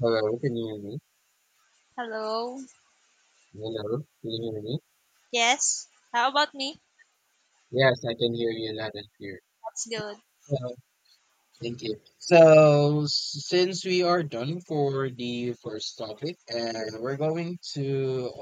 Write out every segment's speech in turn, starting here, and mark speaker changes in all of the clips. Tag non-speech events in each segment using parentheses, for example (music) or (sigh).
Speaker 1: Hello, can you hear me?
Speaker 2: Hello.
Speaker 1: Hello, can you hear me?
Speaker 2: Yes. How about me?
Speaker 1: Yes, I can hear you loud and clear.
Speaker 2: That's good.
Speaker 1: Yeah, thank you. So, since we are done for the first topic, and we're going to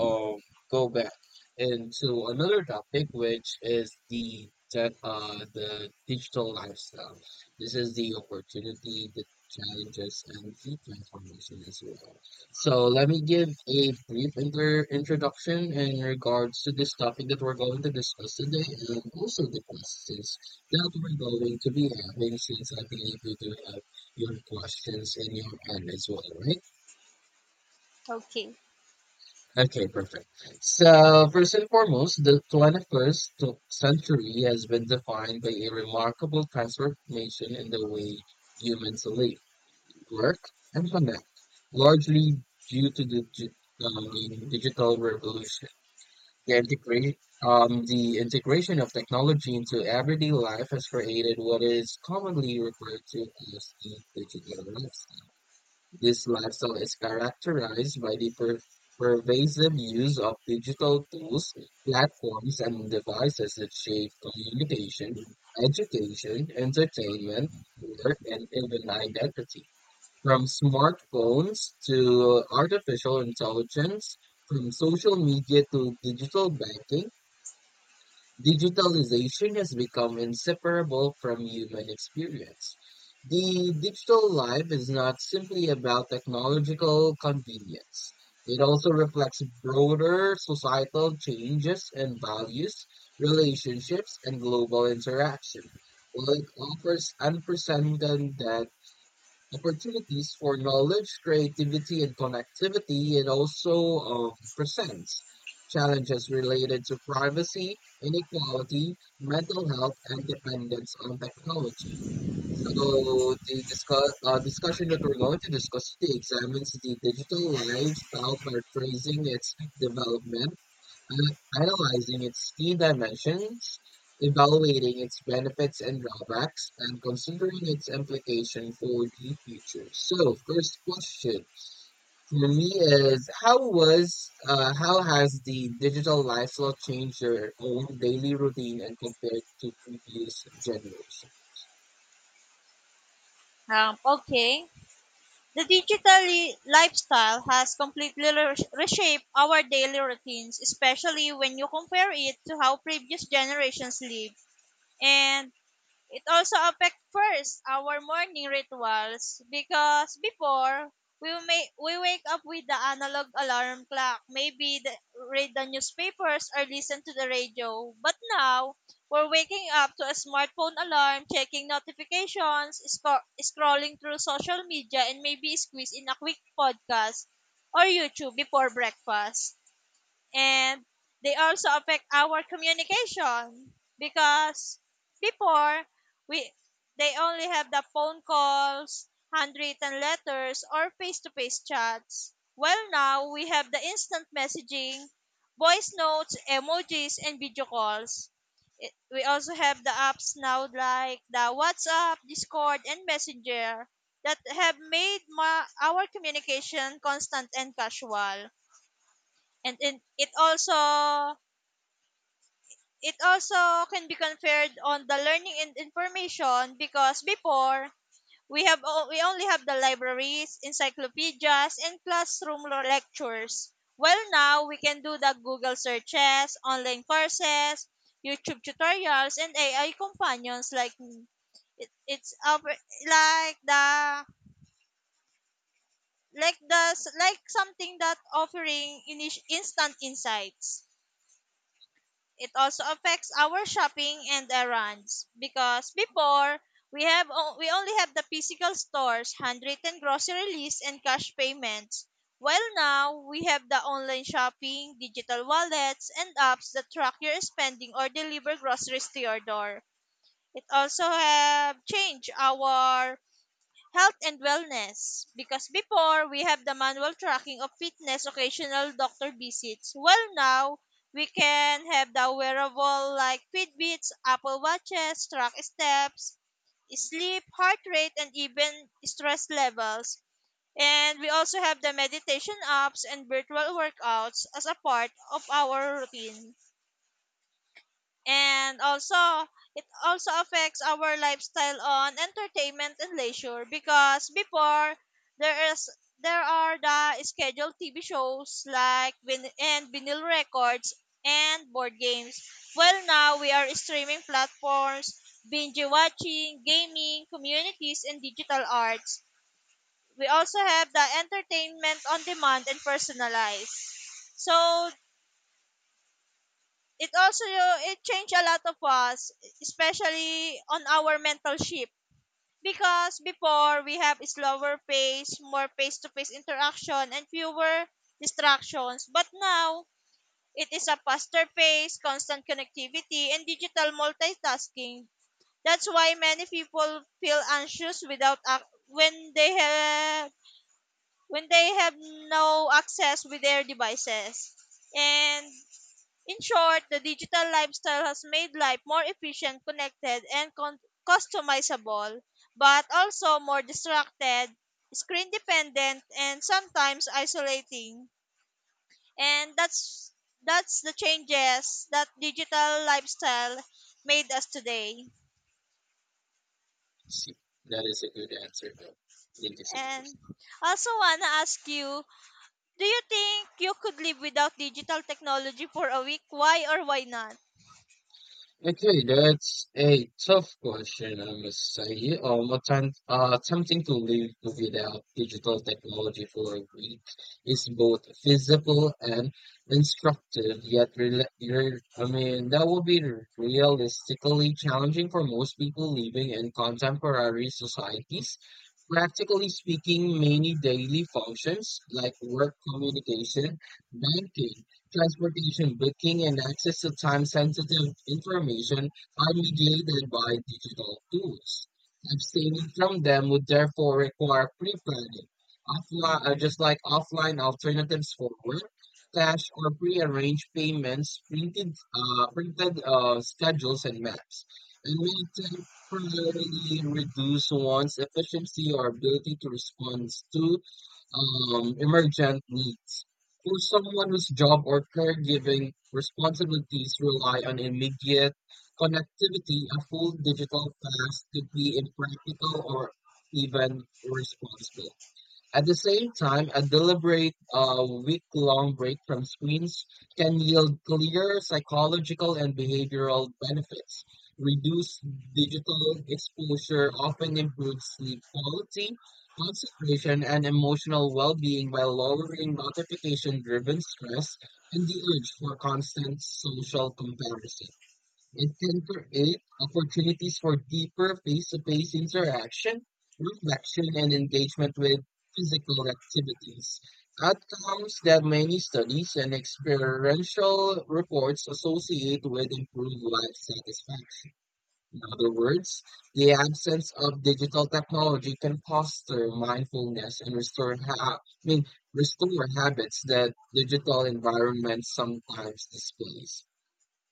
Speaker 1: go back into another topic, which is the digital lifestyle. This is the opportunity, the challenges, and the transformation as well. So, let me give a brief inter introduction in regards to this topic that we're going to discuss today, and also the questions that we're going to be happening since I believe you do have your questions in your hand as well, right?
Speaker 2: Okay.
Speaker 1: Okay, perfect. So, first and foremost, the 21st century has been defined by a remarkable transformation in the way humans live, work, and connect, largely due to the digital revolution. The, integrate, the integration of technology into everyday life has created what is commonly referred to as the digital lifestyle. This lifestyle is characterized by the pervasive use of digital tools, platforms, and devices that shape communication, education, entertainment, work, and even identity. From smartphones to artificial intelligence, from social media to digital banking, digitalization has become inseparable from human experience. The digital life is not simply about technological convenience. It also reflects broader societal changes and values, relationships, and global interaction. While it offers unprecedented opportunities for knowledge, creativity, and connectivity. It also presents challenges related to privacy, inequality, mental health, and dependence on technology. So the discussion that we're going to discuss today examines the digital lifestyle, by tracing its development, analyzing its key dimensions, evaluating its benefits and drawbacks, and considering its implication for the future. So, first question for me is how has the digital lifestyle changed your own daily routine and compared to previous generation?
Speaker 2: Okay. The digital lifestyle has completely reshaped our daily routines, especially when you compare it to how previous generations lived. And it also affect first our morning rituals because before we wake up with the analog alarm clock, maybe read the newspapers or listen to the radio. But now we're waking up to a smartphone alarm, checking notifications, scrolling through social media, and maybe squeeze in a quick podcast or YouTube before breakfast. And they also affect our communication because before we they only have the phone calls, handwritten letters, or face-to-face chats. Well, now we have the instant messaging, voice notes, emojis, and video calls. We also have the apps now like the WhatsApp, Discord, and Messenger that have made our communication constant and casual. And it also can be conferred on the learning and information because before we only have the libraries, encyclopedias, and classroom lectures. Well, now we can do the Google searches, online courses, YouTube tutorials, and AI companions like it, it's up, like the like the like something that offering instant insights. It also affects our shopping and errands because before we only have the physical stores, handwritten grocery lists, and cash payments. While now we have the online shopping, digital wallets, and apps that track your spending or deliver groceries to your door. It also have changed our health and wellness because before we have the manual tracking of fitness, occasional doctor visits. Well, now we can have the wearable like Fitbits, Apple Watches, track steps, sleep, heart rate, and even stress levels. And we also have the meditation apps and virtual workouts as a part of our routine. And also it also affects our lifestyle on entertainment and leisure because before there is there are the scheduled TV shows like vin- and vinyl records and board games. Well, now we are streaming platforms, binge watching, gaming, communities, and digital arts. We also have the entertainment on demand and personalized. So it also it changed a lot of us, especially on our mental shift. Because before we have slower pace, more face-to-face interaction, and fewer distractions. But now it is a faster pace, constant connectivity, and digital multitasking. That's why many people feel anxious without ac- when they have no access with their devices. And in short, the digital lifestyle has made life more efficient, connected, and customizable, but also more distracted, screen dependent, and sometimes isolating. And that's the changes that digital lifestyle made us today.
Speaker 1: See, that is a good answer, Bill. Thank you so much.
Speaker 2: And I also wanna ask you, do you think you could live without digital technology for a week? Why or why not?
Speaker 1: Okay, that's a tough question, I must say. Attempting to live without digital technology for a week is both feasible and instructive, yet I mean, that would be realistically challenging for most people living in contemporary societies. Practically speaking, many daily functions like work, communication, banking, transportation booking and access to time-sensitive information are mediated by digital tools. Abstaining from them would therefore require pre-planning, offline, just like offline alternatives for work, cash or pre-arranged payments, printed, schedules, and maps, and may temporarily reduce one's efficiency or ability to respond to emergent needs. For someone whose job or caregiving responsibilities rely on immediate connectivity, a full digital fast could be impractical or even irresponsible. At the same time, a deliberate week-long break from screens can yield clear psychological and behavioral benefits. Reduced digital exposure often improves sleep quality, concentration, and emotional well-being while lowering notification-driven stress and the urge for constant social comparison. It can create opportunities for deeper face-to-face interaction, reflection, and engagement with physical activities. Outcomes that many studies and experiential reports associate with improved life satisfaction. In other words, the absence of digital technology can foster mindfulness and restore I mean, restore habits that digital environments sometimes displace.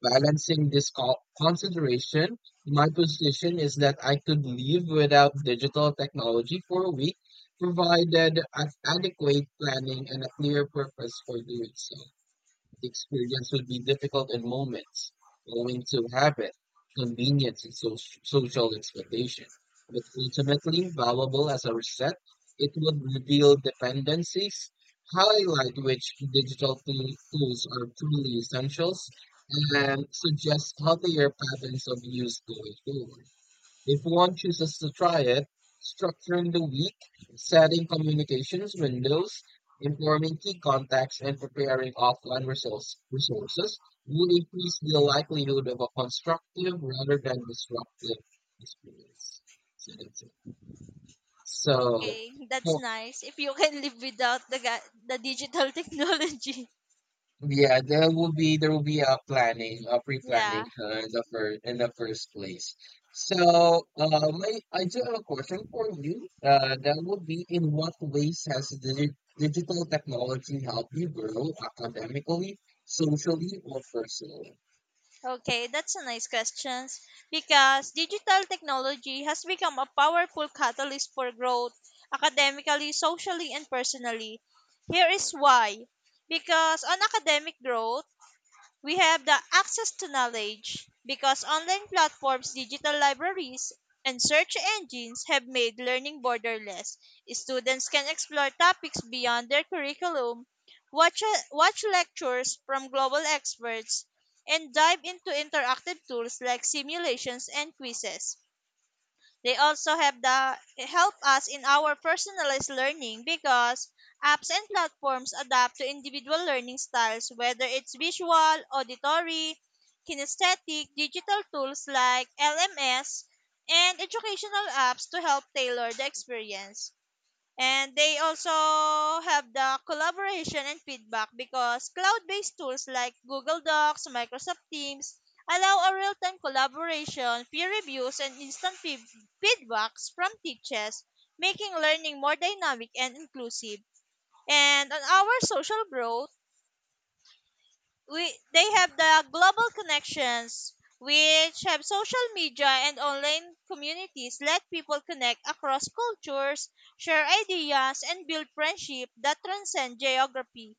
Speaker 1: Balancing this consideration, my position is that I could live without digital technology for a week, provided adequate planning and a clear purpose for doing so. The experience would be difficult in moments, owing to habit, convenience, and social expectation, but ultimately valuable as a reset. It would reveal dependencies, highlight which digital tools are truly essentials, and suggest healthier patterns of use going forward. If one chooses to try it, structuring the week, setting communications windows, informing key contacts, and preparing offline resources will increase the likelihood of a constructive rather than disruptive experience. So that's it. So,
Speaker 2: Okay, that's
Speaker 1: for
Speaker 2: nice. If you can live without the the digital (laughs) technology.
Speaker 1: yeah, there will be a planning, a pre-planning
Speaker 2: Yeah.
Speaker 1: in the first place. So, I do have a question for you. That would be in what ways has digital technology helped you grow academically, socially, or personally?
Speaker 2: Okay, that's a nice question. Because digital technology has become a powerful catalyst for growth academically, socially, and personally. Here is why. Because on academic growth, we have the access to knowledge because online platforms, digital libraries, and search engines have made learning borderless. Students can explore topics beyond their curriculum, watch lectures from global experts, and dive into interactive tools like simulations and quizzes. They also have the help us in our personalized learning because apps and platforms adapt to individual learning styles, whether it's visual, auditory, kinesthetic, digital tools like LMS, and educational apps to help tailor the experience. And they also have the collaboration and feedback because cloud-based tools like Google Docs, Microsoft Teams allow a real-time collaboration, peer reviews, and instant feedbacks from teachers, making learning more dynamic and inclusive. And on our social growth, we they have the global connections, which have social media and online communities let people connect across cultures, share ideas, and build friendship that transcend geography.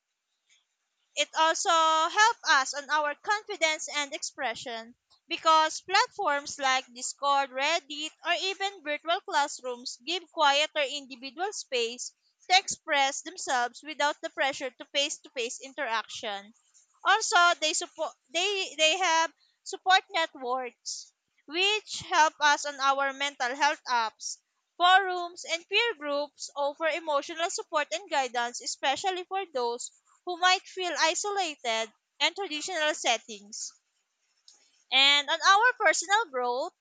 Speaker 2: It also helps us on our confidence and expression because platforms like Discord, Reddit, or even virtual classrooms give quiet or individual space to express themselves without the pressure to face-to-face interaction. Also, they support they have support networks which help us on our mental health apps. Forums and peer groups offer emotional support and guidance, especially for those who might feel isolated in traditional settings. And on our personal growth,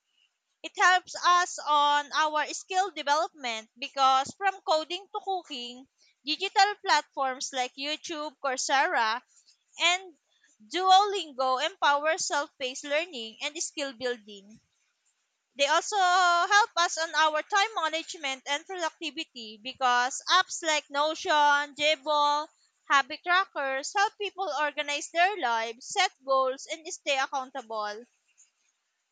Speaker 2: it helps us on our skill development because from coding to cooking, digital platforms like YouTube, Coursera, and Duolingo empower self-paced learning and skill building. They also help us on our time management and productivity because apps like Notion, Jable, Habit Trackers help people organize their lives, set goals, and stay accountable.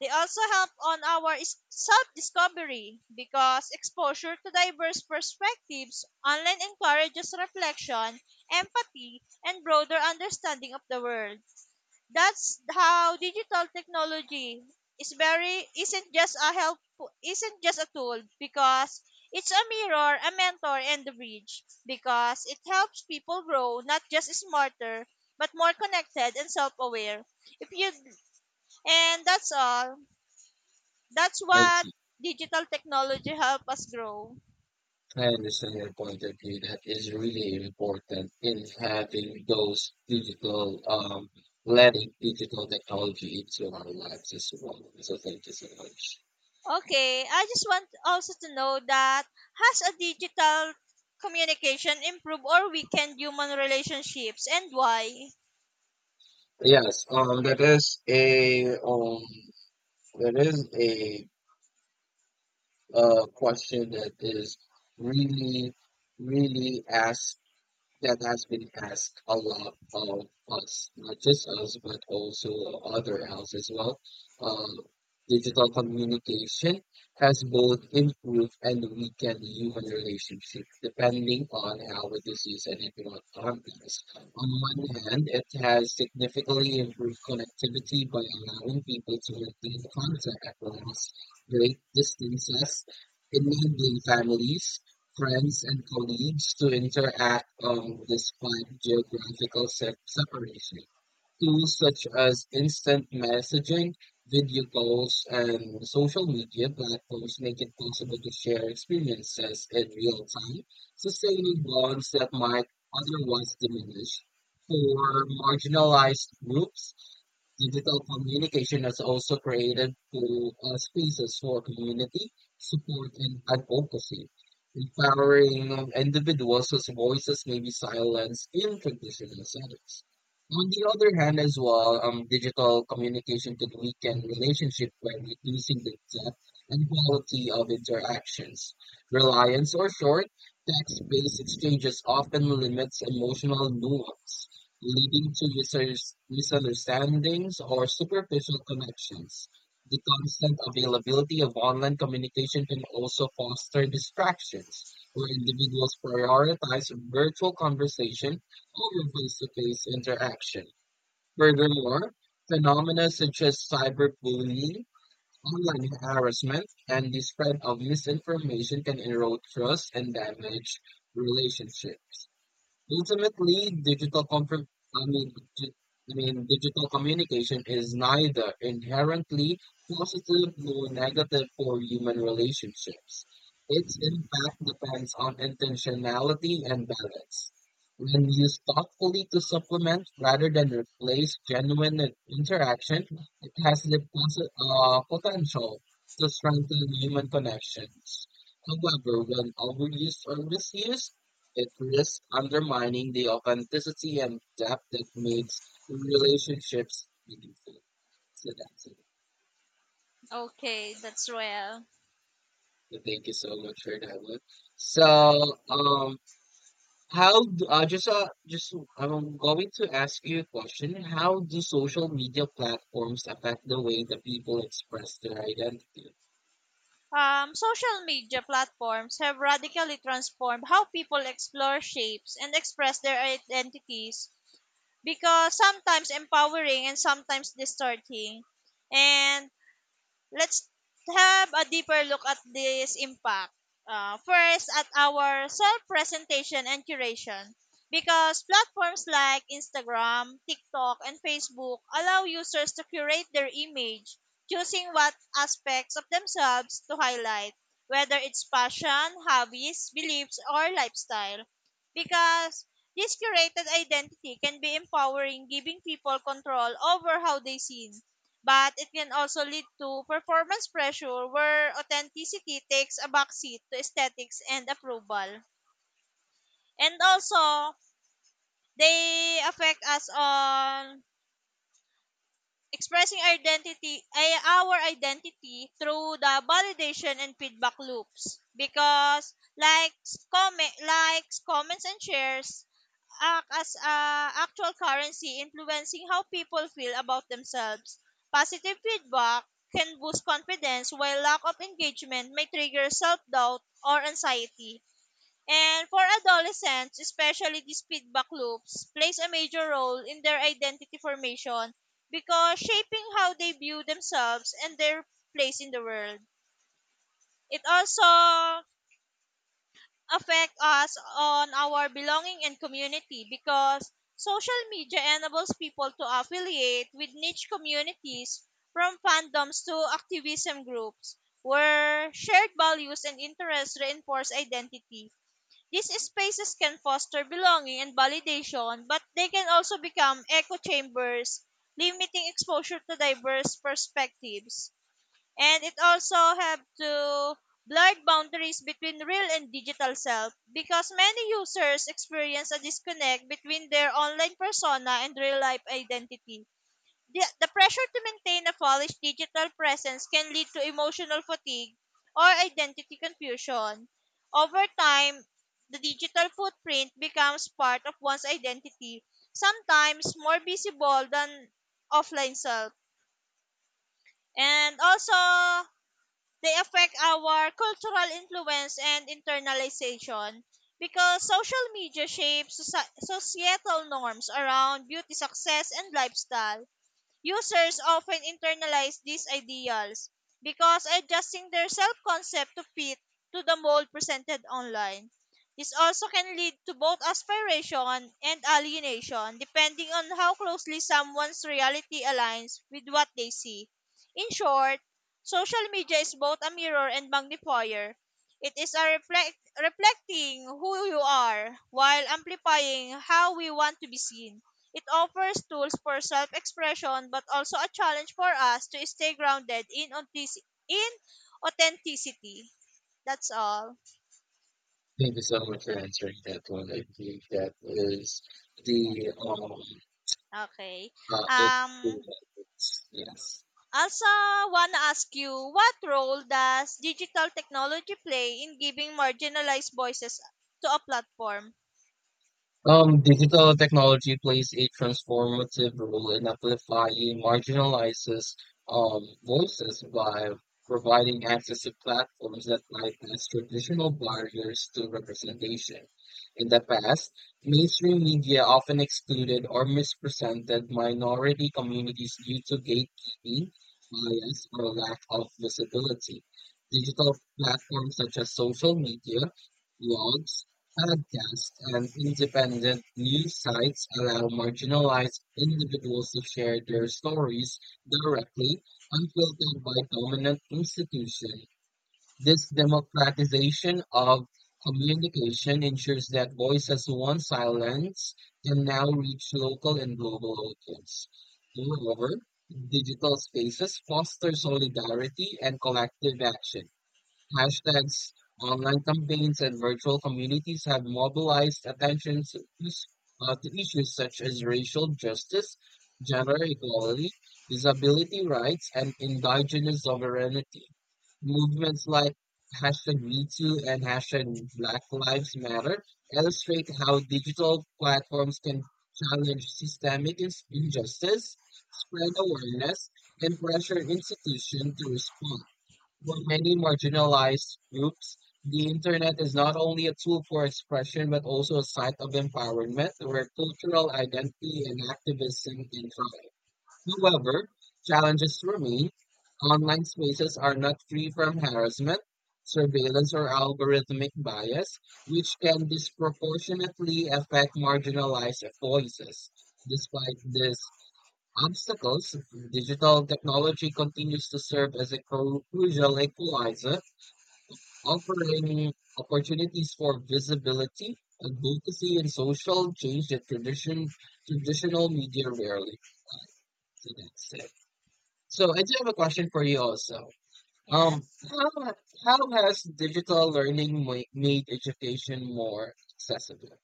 Speaker 2: They also help on our self-discovery because exposure to diverse perspectives online encourages reflection, empathy, and broader understanding of the world. That's how digital technology is very isn't just a tool because it's a mirror, a mentor, and a bridge because it helps people grow not just smarter but more connected and self-aware. If you and that's all. That's
Speaker 1: I
Speaker 2: what
Speaker 1: see.
Speaker 2: digital technology help us grow.
Speaker 1: I understand your point of view. That is really important in having those letting digital technology into our lives as well. So thank you so much.
Speaker 2: Okay, I just want also to know that has a digital communication improve or weaken human relationships and why?
Speaker 1: Yes, that is a question that is really, really asked that has been asked a lot of us, not just us, but also other else as well. Um, Digital communication has both improved and weakened human relationships depending on how it is used and in what context. On one hand, it has significantly improved connectivity by allowing people to maintain contact across great distances, enabling families friends and colleagues to interact despite geographical separation. Tools such as instant messaging, video calls, and social media platforms make it possible to share experiences in real time, sustaining bonds that might otherwise diminish. For marginalized groups, digital communication has also created spaces for community, support, and advocacy, empowering individuals whose voices may be silenced in traditional settings. On the other hand, as well, digital communication can weaken relationships by reducing the depth and quality of interactions. Reliance or short text based exchanges often limits emotional nuance leading to misunderstandings or superficial connections. The constant availability of online communication can also foster distractions, where individuals prioritize virtual conversation over face to face interaction. Furthermore, phenomena such as cyberbullying, online harassment, and the spread of misinformation can erode trust and damage relationships. Ultimately, I mean, I mean, digital communication is neither inherently positive nor negative for human relationships. Its impact depends on intentionality and balance. When used thoughtfully to supplement rather than replace genuine interaction, it has the potential to strengthen human connections. However, when overused or misused, it risks undermining the authenticity and depth that makes relationships meaningful. So that's it.
Speaker 2: Okay, that's real.
Speaker 1: So thank you so much for that one. So, how do, just I'm going to ask you a question. How do social media platforms affect the way that people express their identity?
Speaker 2: Social media platforms have radically transformed how people explore shapes and express their identities because sometimes empowering and sometimes distorting. And let's have a deeper look at this impact. First, at our self presentation and curation. Because platforms like Instagram, TikTok, and Facebook allow users to curate their image, choosing what aspects of themselves to highlight, whether it's passion, hobbies, beliefs, or lifestyle. Because this curated identity can be empowering, giving people control over how they see, but it can also lead to performance pressure where authenticity takes a backseat to aesthetics and approval. And also, they affect us on expressing identity ay our identity through the validation and feedback loops because likes, comments, and shares act as a actual currency influencing how people feel about themselves. Positive feedback can boost confidence, while lack of engagement may trigger self-doubt or anxiety. And for adolescents, especially, these feedback loops plays a major role in their identity formation because shaping how they view themselves and their place in the world. It also affect us on our belonging and community because social media enables people to affiliate with niche communities, from fandoms to activism groups where shared values and interests reinforce identity. These spaces can foster belonging and validation, but they can also become echo chambers, limiting exposure to diverse perspectives. And it also have to blur boundaries between real and digital self because many users experience a disconnect between their online persona and real life identity. The pressure to maintain a polished digital presence can lead to emotional fatigue or identity confusion. Over time, the digital footprint becomes part of one's identity, sometimes more visible than offline self. And also, they affect our cultural influence and internalization because social media shapes societal norms around beauty, success, and lifestyle. Users often internalize these ideals because adjusting their self concept to fit to the mold presented online. This also can lead to both aspiration and alienation depending on how closely someone's reality aligns with what they see. In short, social media is both a mirror and magnifier. It is a reflecting who you are while amplifying how we want to be seen. It offers tools for self-expression, but also a challenge for us to stay grounded in authenticity. That's all.
Speaker 1: Thank you so much for answering that one. I think that is the um
Speaker 2: Okay.
Speaker 1: uh, it,
Speaker 2: Um,
Speaker 1: yes.
Speaker 2: also, wanna ask you, what role does digital technology play in giving marginalized voices to a platform?
Speaker 1: Digital technology plays a transformative role in amplifying marginalizes voices by providing access to platforms that bypass traditional barriers to representation. In the past, mainstream media often excluded or misrepresented minority communities due to gatekeeping, bias, or lack of visibility. Digital platforms such as social media, blogs, podcasts and independent news sites allow marginalized individuals to share their stories directly, unfiltered by dominant institutions. This democratization of communication ensures that voices once silenced can now reach local and global audiences. Moreover, digital spaces foster solidarity and collective action. Hashtags, online campaigns, and virtual communities have mobilized attention to issues such as racial justice, gender equality, disability rights, and indigenous sovereignty. Movements like hashtag MeToo and hashtag Black Lives Matter illustrate how digital platforms can challenge systemic injustice, spread awareness, and pressure institutions to respond. For many marginalized groups, the internet is not only a tool for expression but also a site of empowerment where cultural identity and activism can thrive. However, challenges remain. Online spaces are not free from harassment, surveillance, or algorithmic bias, which can disproportionately affect marginalized voices. Despite this, obstacles, digital technology continues to serve as a crucial equalizer, offering opportunities for visibility, advocacy, and social change that traditional media rarely provide. So that's it. So I do have a question for you also. Um,
Speaker 2: Yes.
Speaker 1: how how has digital learning made education more accessible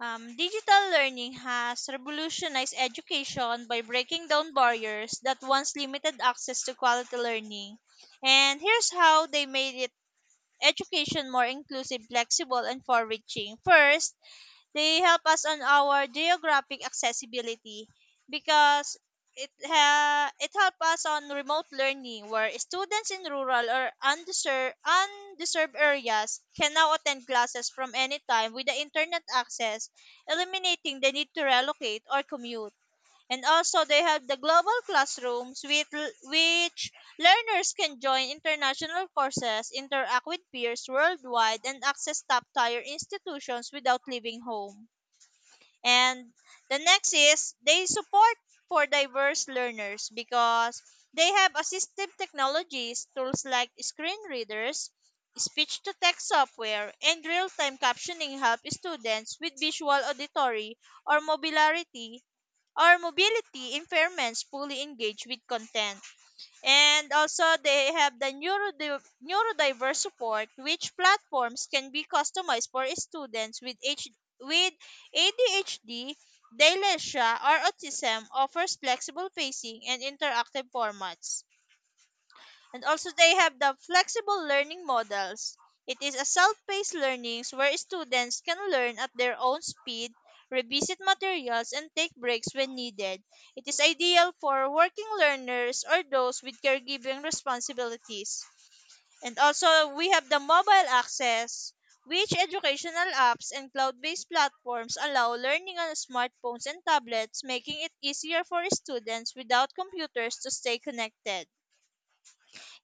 Speaker 2: Digital learning has revolutionized education by breaking down barriers that once limited access to quality learning. And here's how they made it education more inclusive, flexible, and far-reaching. First, they help us on our geographic accessibility because it help us on remote learning where students in rural or undeserved areas can now attend classes from any time with the internet access, eliminating the need to relocate or commute. And also, they have the global classrooms which learners can join international courses, interact with peers worldwide, and access top-tier institutions without leaving home. And the next is they support for diverse learners because they have assistive technologies, tools like screen readers, speech to text software, and real time captioning help students with visual, auditory, or mobility our mobility impairments fully engage with content. And also, they have the neurodiverse support, which platforms can be customized for students with with ADHD, dyslexia, or autism, offers flexible pacing and interactive formats. And also they have the flexible learning models. It is a self-paced learnings where students can learn at their own speed, revisit materials, and take breaks when needed. It is ideal for working learners or those with caregiving responsibilities. And also we have the mobile access which educational apps and cloud-based platforms allow learning on smartphones and tablets, making it easier for students without computers to stay connected.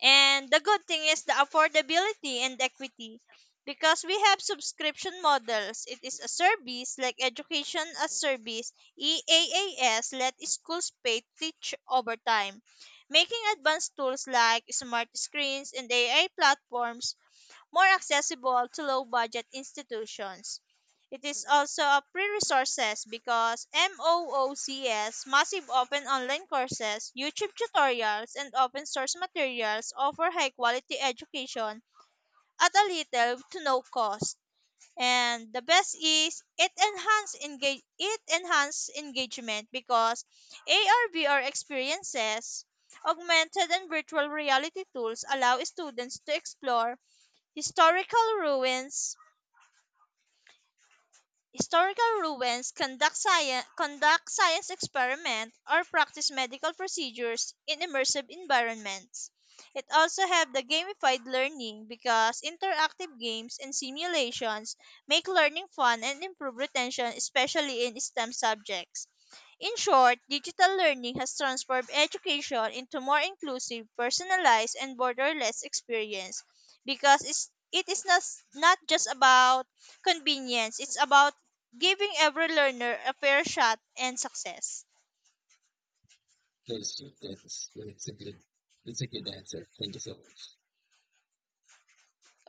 Speaker 2: And the good thing is the affordability and equity because we have subscription models. It is a service like education as service, EAAS, let schools pay to teach over time, making advanced tools like smart screens and AI platforms more accessible to low budget institutions. It is also a free resources because MOOCs, massive open online courses, YouTube tutorials, and open source materials offer high quality education at a little to no cost. And the best is it enhance engagement because AR/VR experiences, augmented and virtual reality tools allow students to explore Historical ruins historical ruins, conduct science experiment, or practice medical procedures in immersive environments. It also have the gamified learning because interactive games and simulations make learning fun and improve retention, especially in STEM subjects. In short, digital learning has transformed education into more inclusive, personalized, and borderless experience because it is not, not just about convenience, it's about giving every learner a fair shot and success.
Speaker 1: to students? That's a good answer. Thank you so much.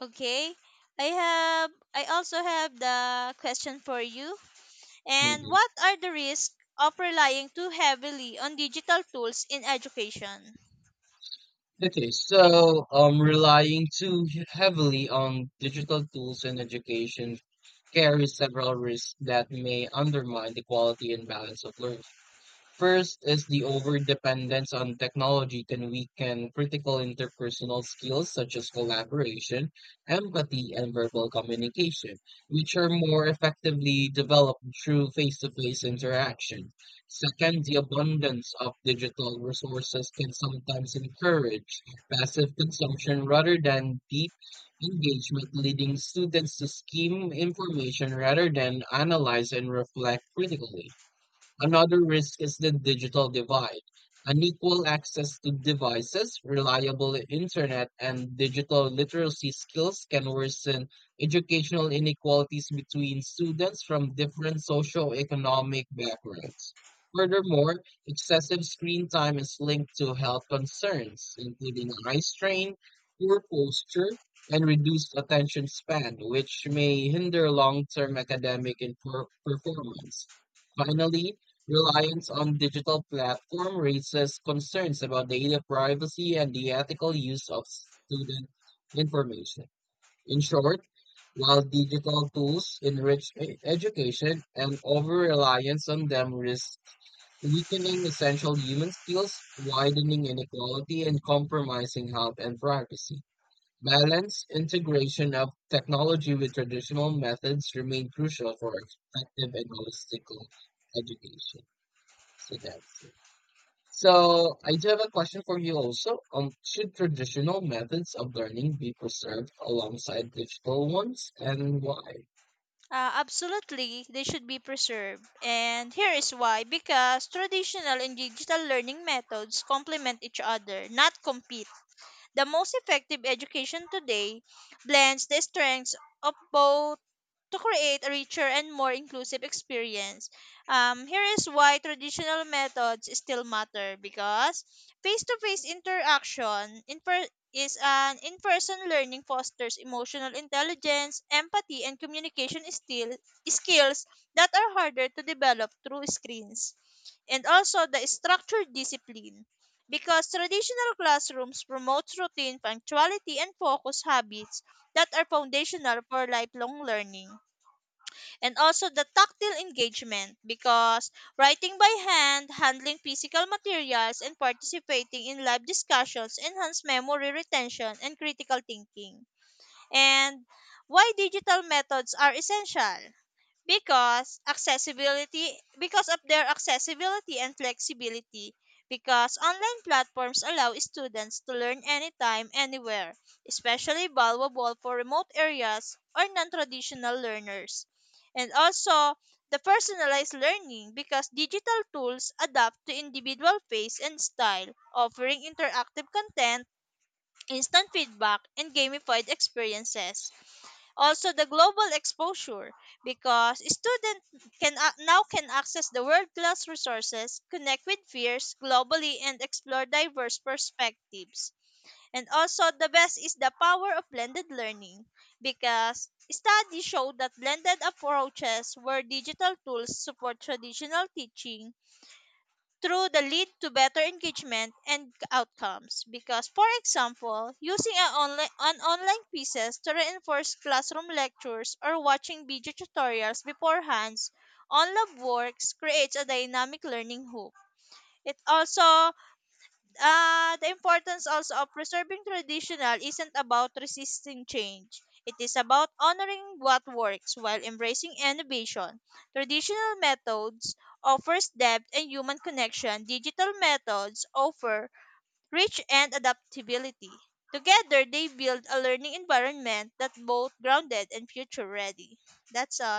Speaker 2: Okay? I also have the question for you. And
Speaker 1: Mhm.
Speaker 2: what are the risks of relying too heavily on digital tools in education?
Speaker 1: Okay, so relying too heavily on digital tools in education carries several risks that may undermine the quality and balance of learning. First is the overdependence on technology can weaken critical interpersonal skills such as collaboration, empathy, and verbal communication, which are more effectively developed through face-to-face interaction. Second, the abundance of digital resources can sometimes encourage passive consumption rather than deep engagement, leading students to skim information rather than analyze and reflect critically. Another risk is the digital divide. Unequal access to devices, reliable internet, and digital literacy skills can worsen educational inequalities between students from different socioeconomic backgrounds. Furthermore, excessive screen time is linked to health concerns, including eye strain, poor posture, and reduced attention span, which may hinder long term academic and performance. Finally, reliance on digital platform raises concerns about data privacy and the ethical use of student information. In short, while digital tools enrich education an over-reliance on them risks weakening essential human skills, widening inequality, and compromising health and privacy. Balance, integration of technology with traditional methods remain crucial for effective and holistic education. So that's it. So I do have a question for you also. Should traditional methods of learning be preserved alongside digital ones, and why?
Speaker 2: Absolutely, they should be preserved. And here is why because traditional and digital learning methods complement each other, not compete. The most effective education today blends the strengths of both to create a richer and more inclusive experience. Here is why traditional methods still matter because face-to-face interaction is an in-person learning fosters emotional intelligence, empathy, and communication still skills that are harder to develop through screens. And also the structured discipline because traditional classrooms promote routine, punctuality, and focus habits that are foundational for lifelong learning. And also the tactile engagement because writing by hand, handling physical materials, and participating in live discussions enhance memory retention and critical thinking. And why digital methods are essential? Because accessibility because of their accessibility and flexibility because online platforms allow students to learn anytime anywhere, especially valuable for remote areas or non-traditional learners. And also the personalized learning because digital tools adapt to individual pace and style, offering interactive content, instant feedback, and gamified experiences. Also the global exposure because students now can access the world class resources, connect with peers globally, and explore diverse perspectives. And also the best is the power of blended learning because studies show that blended approaches where digital tools support traditional teaching through the lead to better engagement and outcomes because for example using an online pieces to reinforce classroom lectures or watching video tutorials beforehand on lab works creates a dynamic learning hoop. It also the importance also of preserving traditional isn't about resisting change. It is about honoring what works while embracing innovation. Traditional methods offers depth and human connection. Digital methods offer reach and adaptability. Together, they build a learning environment that's both grounded and future ready. That's all.